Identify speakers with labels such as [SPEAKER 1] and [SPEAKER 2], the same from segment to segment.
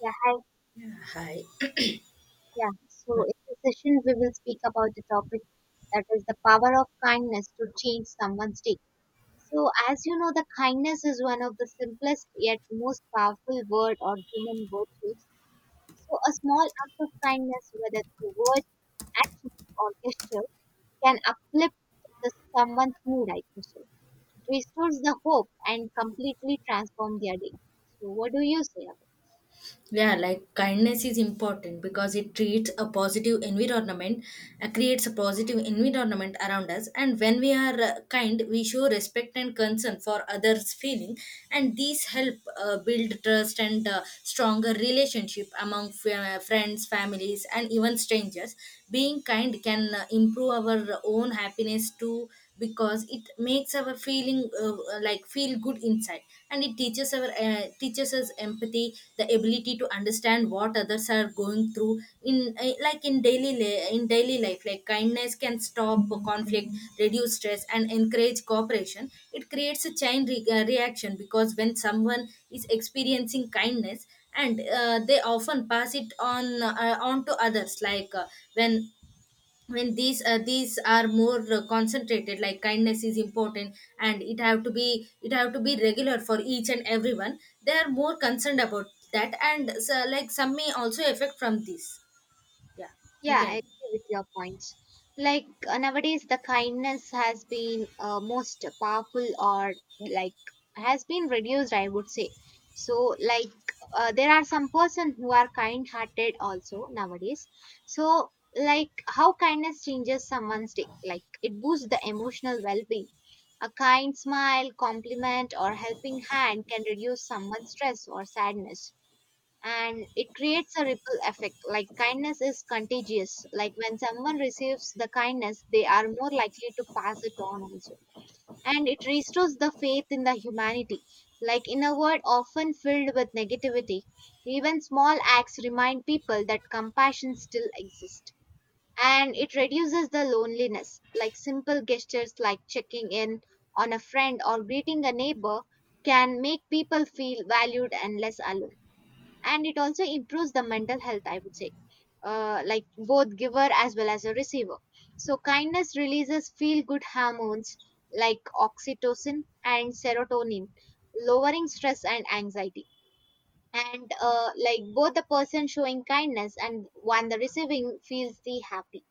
[SPEAKER 1] Yeah, hi.
[SPEAKER 2] Hi.
[SPEAKER 1] Yeah. So in this session, we will speak about the topic that is the power of kindness to change someone's day. So as you know, the kindness is one of the simplest yet most powerful word or human virtues. So a small act of kindness, whether through words, actions, or gesture, can uplift the someone's mood, I think so. It restores the hope and completely transform their day. So what do you say about?
[SPEAKER 2] Yeah, like kindness is important because it treats a positive environment, creates a positive environment around us. And when we are kind, we show respect and concern for others' feeling, and these help build trust and stronger relationship among friends, families, and even strangers. Being kind can improve our own happiness too because it makes our feeling like feel good inside, and it teaches our teaches us empathy, the ability to understand what others are going through in like in daily in daily life. Like kindness can stop conflict, reduce stress, and encourage cooperation. It creates a chain reaction because when someone is experiencing kindness and they often pass it on to others. Like when when these are more concentrated, like kindness is important and it have to be regular for each and everyone, they are more concerned about that, and so, like some may also affect from this, yeah. You
[SPEAKER 1] Yeah, I
[SPEAKER 2] can.
[SPEAKER 1] agree with your points. Like nowadays, the kindness has been most powerful or like has been reduced, I would say. So, like, there are some person who are kind hearted also nowadays. So, like, how kindness changes someone's day? Like, it boosts the emotional well being. A kind smile, compliment, or helping hand can reduce someone's stress or sadness, and it creates a ripple effect. Like kindness is contagious, like when someone receives the kindness they are more likely to pass it on also, and it restores the faith in the humanity, like in a world often filled with negativity, even small acts remind people that compassion still exists. And it reduces the loneliness, like simple gestures like checking in on a friend or greeting a neighbor can make people feel valued and less alone. And it also improves the mental health, I would say, like both giver as well as a receiver. So kindness releases feel good hormones like oxytocin and serotonin, lowering stress and anxiety. And like both the person showing kindness and one the receiving feels the happy,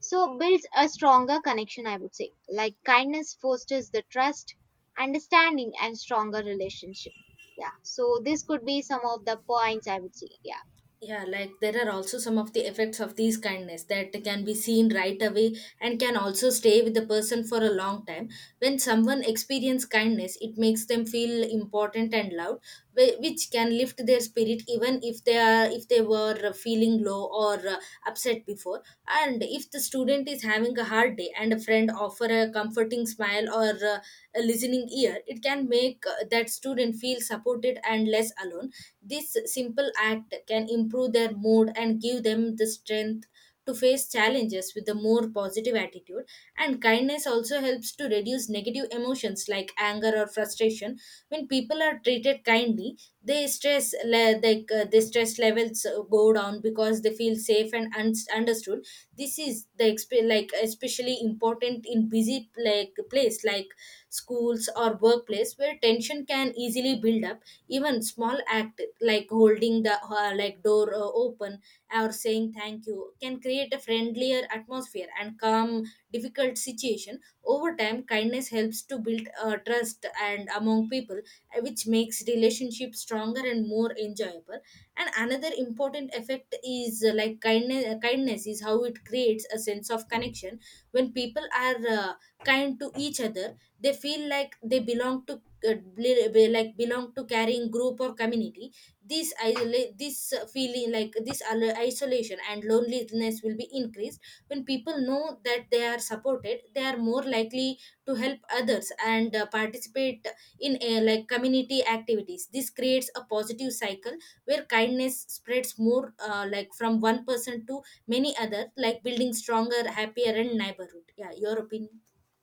[SPEAKER 1] so builds a stronger connection, I would say. Like kindness fosters the trust, understanding and stronger relationship. Yeah, so this could be some of the points, I would say. Yeah
[SPEAKER 2] Yeah, like there are also some of the effects of these kindness that can be seen right away, and can also stay with the person for a long time. When someone experiences kindness, it makes them feel important and loved, which can lift their spirit even if they are, if they were feeling low or upset before. And if the student is having a hard day and a friend offer a comforting smile or a listening ear, it can make that student feel supported and less alone. This simple act can improve their mood and give them the strength to face challenges with a more positive attitude. And kindness also helps to reduce negative emotions like anger or frustration. When people are treated kindly, they stress the stress levels go down because they feel safe and understood. This is the like especially important in busy like place like schools or workplace where tension can easily build up. Even small act like holding the like door open or saying thank you can create a friendlier atmosphere and calm difficult situation. Over time, kindness helps to build trust and among people, which makes relationships stronger and more enjoyable. And another important effect is like kindness is how it creates a sense of connection. When people are kind to each other, they feel like they belong to like belong to carrying group or community. This isolate this feeling like this isolation and loneliness will be increased. When people know that they are supported, they are more likely to help others and participate in like community activities. This creates a positive cycle where kindness spreads more like from one person to many other, like building stronger happier and neighborhood. Yeah, your opinion.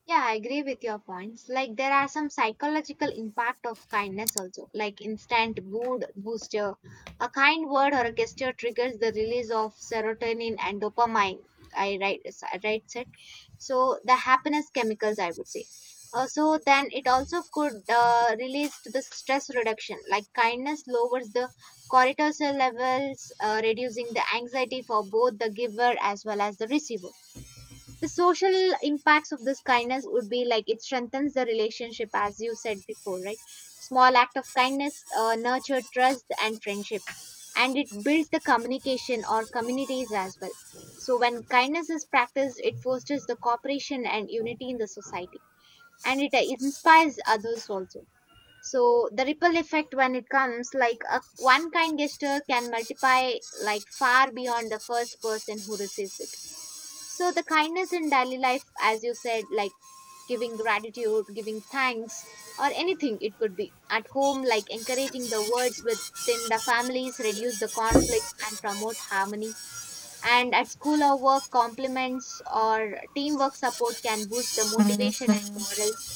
[SPEAKER 1] Yeah, I agree with your points. Like there are some psychological impact of kindness also, like instant mood booster. A kind word or a gesture triggers the release of serotonin and dopamine. I write, I write it. So the happiness chemicals, I would say. So then it also could release to the stress reduction. Like kindness lowers the cortisol levels, reducing the anxiety for both the giver as well as the receiver. The social impacts of this kindness would be like it strengthens the relationship, as you said before, right? Small act of kindness nurture trust and friendship, and it builds the communication or communities as well. So when kindness is practiced, it fosters the cooperation and unity in the society. And it inspires others also. So the ripple effect when it comes like a one kind gesture can multiply like far beyond the first person who receives it. So the kindness in daily life, as you said, like giving gratitude, giving thanks, or anything it could be. At home, like encouraging the words within the families, reduce the conflicts and promote harmony. And at school or work, compliments or teamwork support can boost the motivation and morals.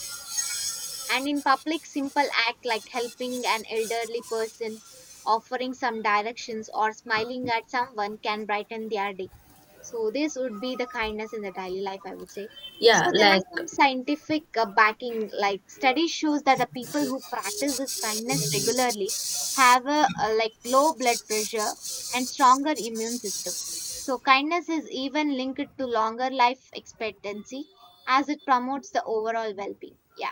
[SPEAKER 1] And in public, simple act like helping an elderly person, offering some directions, or smiling at someone can brighten their day. So this would be the kindness in the daily life, I would say. So
[SPEAKER 2] Yeah,
[SPEAKER 1] there are
[SPEAKER 2] like.
[SPEAKER 1] some scientific backing, like studies shows that the people who practice this kindness regularly have a like low blood pressure and stronger immune system. So kindness is even linked to longer life expectancy as it promotes the overall well-being. Yeah.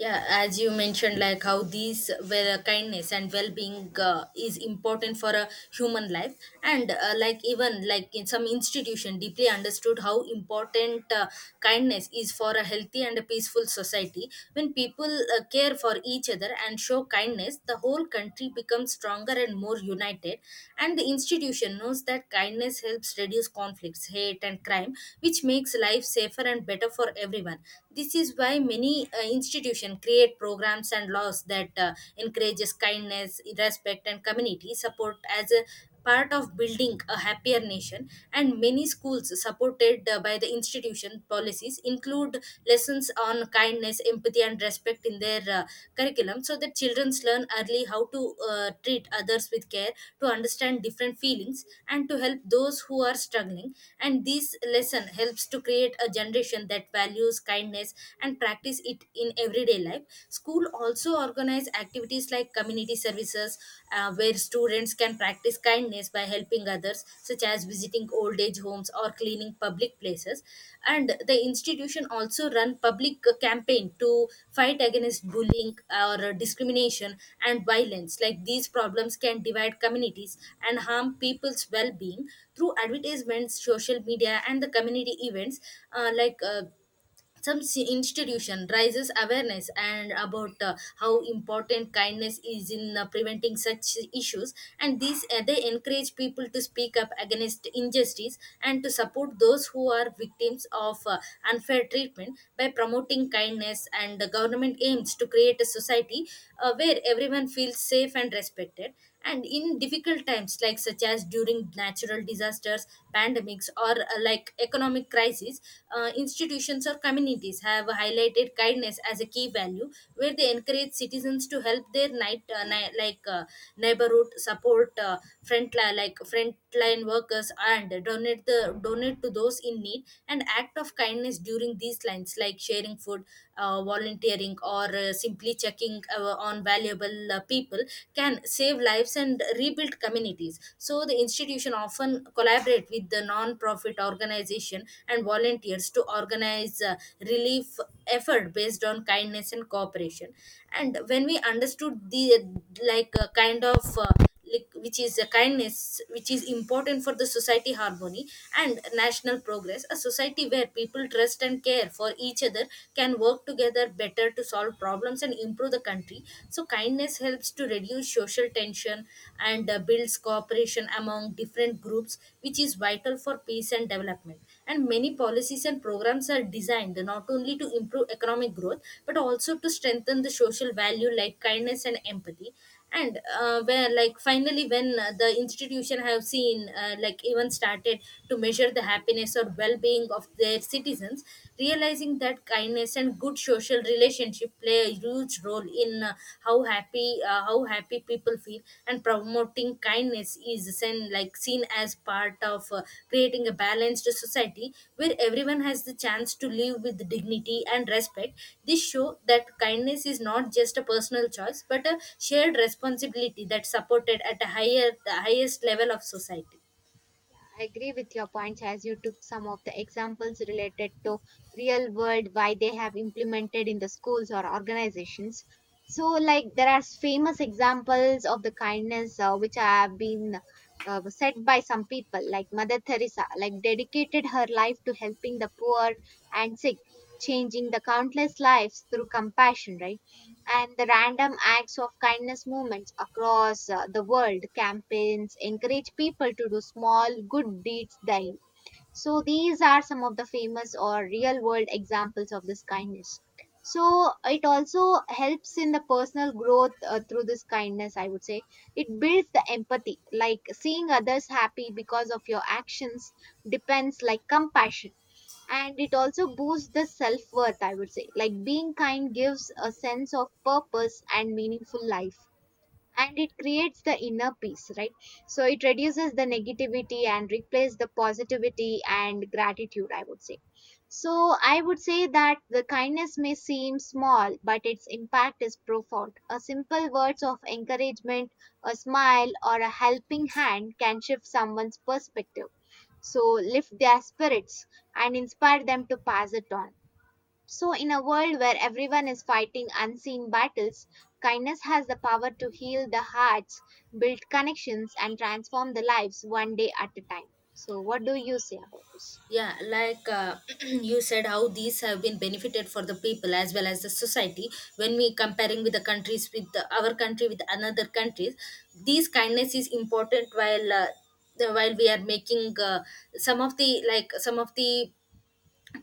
[SPEAKER 2] Yeah, as you mentioned, like how these well kindness and well-being is important for a human life. And like even like in some institution deeply understood how important kindness is for a healthy and a peaceful society. When people care for each other and show kindness, the whole country becomes stronger and more united, and the institution knows that kindness helps reduce conflicts, hate, and crime, which makes life safer and better for everyone. This is why many institutions create programs and laws that encourages kindness, respect, and community support as a part of building a happier nation. And many schools supported by the institution policies include lessons on kindness, empathy, and respect in their curriculum, so that children learn early how to treat others with care, to understand different feelings, and to help those who are struggling. And this lesson helps to create a generation that values kindness and practice it in everyday life. School also organize activities like community services, where students can practice kindness by helping others, such as visiting old age homes or cleaning public places. And the institution also run public campaign to fight against bullying or discrimination and violence. Like these problems can divide communities and harm people's well-being. Through advertisements, social media, and the community events, uh, like uh, some institution raises awareness and about how important kindness is in preventing such issues. And these they encourage people to speak up against injustice and to support those who are victims of unfair treatment. By promoting kindness, and the government aims to create a society where everyone feels safe and respected. And in difficult times like such as during natural disasters, pandemics, or like economic crises, institutions or communities have highlighted kindness as a key value, where they encourage citizens to help their night, neighborhood, support like frontline workers, and donate the donate to those in need. And act of kindness during these lines, like sharing food, volunteering, or simply checking on valuable people can save lives and rebuild communities. So the institution often collaborate with the non-profit organization and volunteers to organize relief effort based on kindness and cooperation. And when we understood the like like which is a kindness, which is important for the society harmony and national progress. A society where people trust and care for each other can work together better to solve problems and improve the country. So kindness helps to reduce social tension and builds cooperation among different groups, which is vital for peace and development. And many policies and programs are designed not only to improve economic growth but also to strengthen the social value like kindness and empathy. And where like finally when the institution have seen like even started to measure the happiness or well-being of their citizens, realizing that kindness and good social relationship play a huge role in how happy people feel. And promoting kindness is seen, like seen as part of creating a balanced society where everyone has the chance to live with dignity and respect. This show that kindness is not just a personal choice but a shared responsibility that's supported at a higher, the highest level of society.
[SPEAKER 1] I agree with your points, as you took some of the examples related to real world, why they have implemented in the schools or organizations. So, like, there are famous examples of the kindness which have been said by some people, like Mother Teresa, like, dedicated her life to helping the poor and sick, changing the countless lives through compassion, right? And the random acts of kindness movements across the world, campaigns encourage people to do small good deeds daily. So these are some of the famous or real world examples of this kindness. So it also helps in the personal growth through this kindness, I would say. It builds the empathy, like seeing others happy because of your actions depends like compassion. And it also boosts the self worth, I would say, like being kind gives a sense of purpose and meaningful life. And it creates the inner peace, right? So it reduces the negativity and replace the positivity and gratitude, I would say. So I would say that the kindness may seem small but its impact is profound. A simple words of encouragement, a smile or a helping hand can shift someone's perspective, so lift their spirits and inspire them to pass it on. So, in a world where everyone is fighting unseen battles, kindness has the power to heal the hearts, build connections, and transform the lives one day at a time. So, what do you say about this?
[SPEAKER 2] Yeah, like you said how these have been benefited for the people as well as the society. When we comparing with the countries, with the, our country with another countries, these kindness is important while while we are making some of the like some of the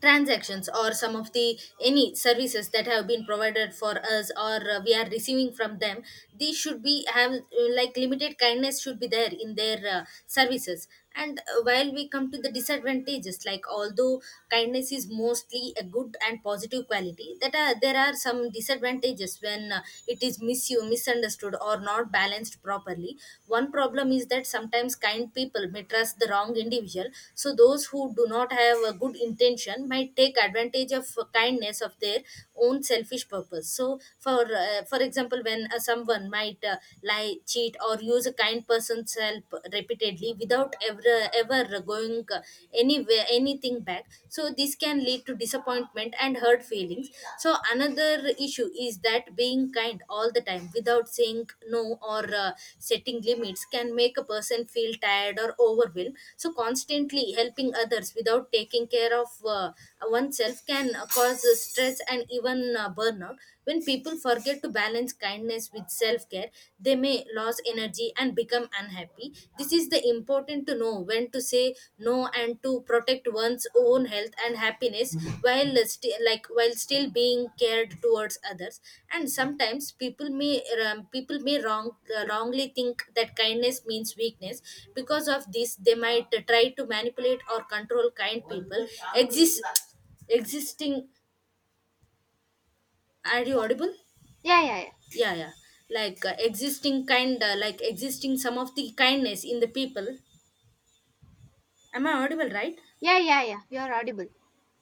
[SPEAKER 2] transactions or some of the any services that have been provided for us, or we are receiving from them, these should be have like limited kindness should be there in their services. And while we come to the disadvantages, like although kindness is mostly a good and positive quality that are, there are some disadvantages when it is misused, misunderstood, or not balanced properly. One problem is that sometimes kind people may trust the wrong individual, so those who do not have a good intention might take advantage of kindness of their own selfish purpose. So, for example, when someone might lie, cheat, or use a kind person's help repeatedly without ever going anywhere anything back, so this can lead to disappointment and hurt feelings. So another issue is that being kind all the time without saying no or setting limits can make a person feel tired or overwhelmed. So constantly helping others without taking care of uh, oneself can cause stress and even burnout. When people forget to balance kindness with self care, they may lose energy and become unhappy. This is the important to know when to say no and to protect one's own health and happiness while like while still being cared towards others. And sometimes people may wrong wrongly think that kindness means weakness. Because of this, they might try to manipulate or control kind people. Exists existing. Are you audible?
[SPEAKER 1] Yeah, yeah, yeah.
[SPEAKER 2] Yeah, yeah, like existing kind like existing some of the kindness in the people. Am I audible, right?
[SPEAKER 1] Yeah, yeah, yeah. You're audible.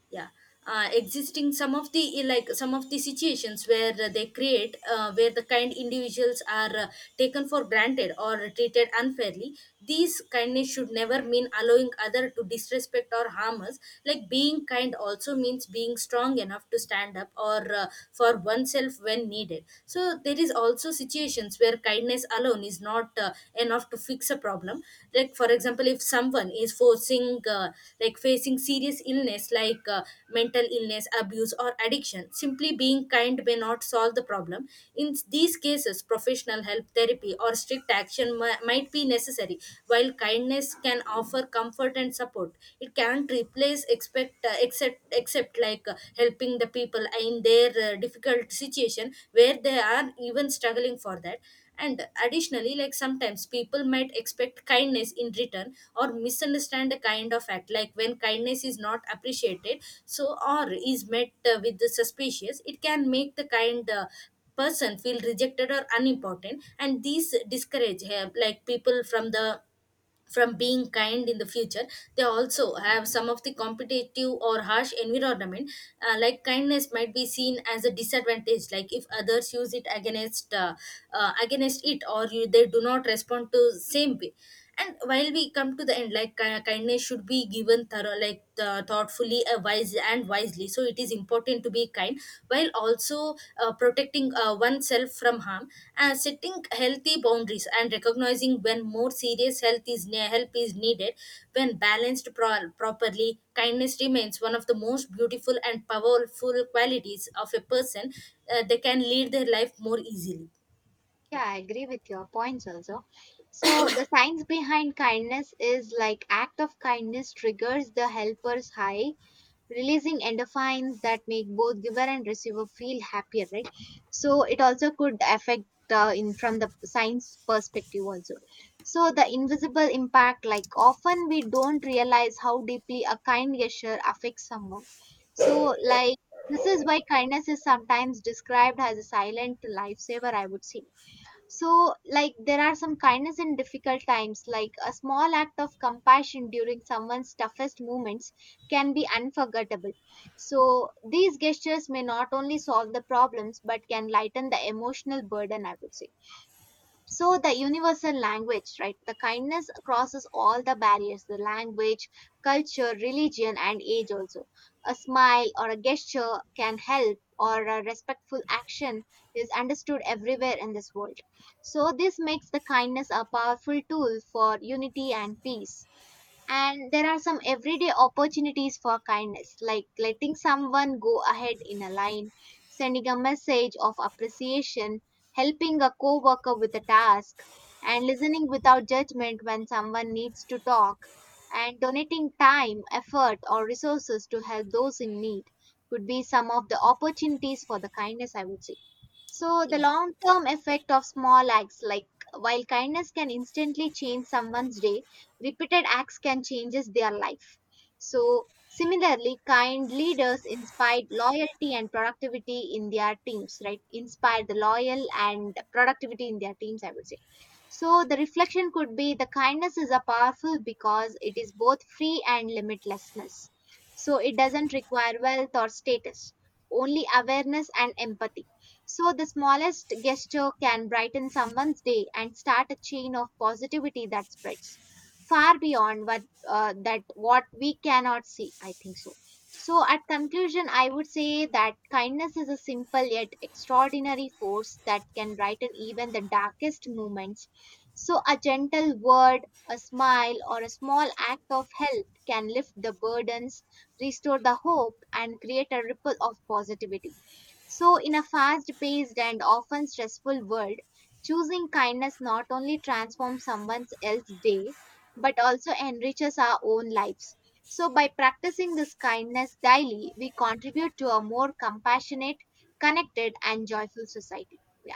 [SPEAKER 2] Yeah. Existing some of the some of the situations where they create where the kind individuals are taken for granted or treated unfairly. These kindness should never mean allowing other to disrespect or harm us. Like being kind also means being strong enough to stand up or for oneself when needed. So there is also situations where kindness alone is not enough to fix a problem. Like for example if someone is forcing like facing serious illness, like mental illness, abuse or addiction, simply being kind may not solve the problem. In these cases, professional help, therapy or strict action might be necessary. While kindness can offer comfort and support, it can't replace expect except except helping the people in their difficult situation where they are even struggling for that. And additionally, like sometimes people might expect kindness in return or misunderstand the kind of act, like when kindness is not appreciated so, or is met with the suspicious, it can make the kind person feel rejected or unimportant, and these discourage people from being kind in the future. They also have some of the competitive or harsh environment. Like kindness might be seen as a disadvantage, like if others use it against against it, or you, they do not respond to same way. And while we come to the end, like kindness should be given thorough like thoughtfully, a wise and wise wisely. So it is important to be kind while also protecting oneself from harm, and setting healthy boundaries, and recognizing when more serious help is needed. When properly, kindness remains one of the most beautiful and powerful qualities of a person. They can lead their life more easily.
[SPEAKER 1] Yeah,
[SPEAKER 2] Yeah.
[SPEAKER 1] I agree with your points also. So, the science behind kindness is like act of kindness triggers the helper's high, releasing endorphins that make both giver and receiver feel happier, right? So it also could affect in from the science perspective also. So the invisible impact, like often we don't realize how deeply a kind gesture affects someone. So like this is why kindness is sometimes described as a silent lifesaver, I would say. So like there are some kindness in difficult times, like a small act of compassion during someone's toughest moments can be unforgettable. So these gestures may not only solve the problems but can lighten the emotional burden, I would say. So the universal language, right? The kindness crosses all the barriers, the language, culture, religion and age also. A smile or a gesture can help, or a respectful action is understood everywhere in this world. So this makes the kindness a powerful tool for unity and peace. And there are some everyday opportunities for kindness, like letting someone go ahead in a line, sending a message of appreciation, helping a co worker with a task, and listening without judgment when someone needs to talk, and donating time, effort, or resources to help those in need could be some of the opportunities for the kindness, I would say. So, the
[SPEAKER 2] Yeah.
[SPEAKER 1] long term effect of small acts, like while kindness can instantly change someone's day, repeated acts can change their life. So, similarly, kind leaders inspired loyalty and productivity in their teams, right? Inspired the loyal and productivity in their teams, I would say. So, the reflection could be the kindness is a powerful because it is both free and limitlessness. So, it doesn't require wealth or status, only awareness and empathy. So, the smallest gesture can brighten someone's day and start a chain of positivity that spreads far beyond what we cannot see, I think so. So, at conclusion, I would say that kindness is a simple yet extraordinary force that can brighten even the darkest moments. So, a gentle word, a smile, or a small act of help can lift the burdens, restore the hope, and create a ripple of positivity. So, in a fast paced and often stressful world, choosing kindness not only transforms someone else's day but also enriches our own lives. So, by practicing this kindness daily, we contribute to a more compassionate, connected, and joyful society. Yeah.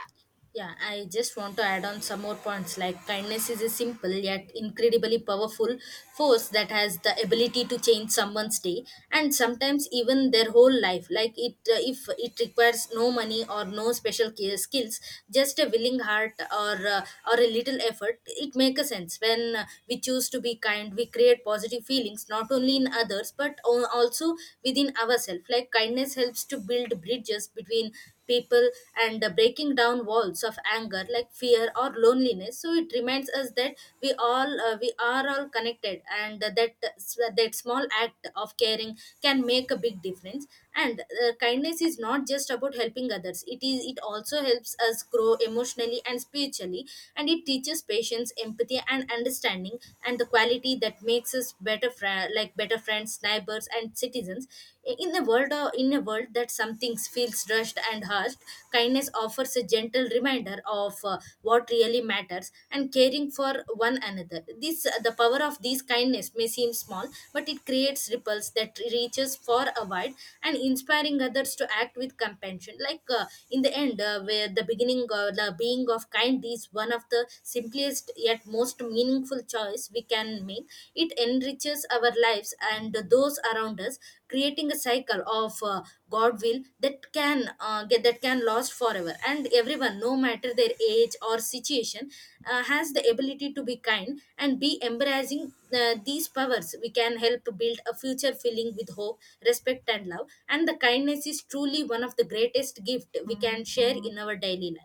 [SPEAKER 2] Yeah, I just want to add on some more points. Like, kindness is a simple yet incredibly powerful force that has the ability to change someone's day and sometimes even their whole life. Like, it if it requires no money or no special care skills, just a willing heart or a little effort, it makes a sense. When we choose to be kind, we create positive feelings not only in others but also within ourselves. Like, kindness helps to build bridges between people and breaking down walls of anger, like fear or loneliness. So it reminds us that we are all connected, and that small act of caring can make a big difference. And kindness is not just about helping others, it also helps us grow emotionally and spiritually, and it teaches patience, empathy and understanding, and the quality that makes us better friends, neighbors and citizens. In a world that something feels rushed and harsh, kindness offers a gentle reminder of what really matters and caring for one another. This The power of this kindness may seem small, but it creates ripples that reaches far a wide and inspiring others to act with compassion. Like in the end, where the beginning or the being of kind is one of the simplest yet most meaningful choice we can make. It enriches our lives and those around us, creating a cycle of God will that can get that can last forever. And everyone, no matter their age or situation, has the ability to be kind and be embracing these powers. We can help build a future filling with hope, respect, and love. And the kindness is truly one of the greatest gift we can share in our daily life.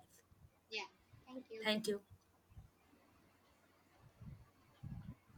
[SPEAKER 1] Yeah. Thank you.
[SPEAKER 2] Thank you.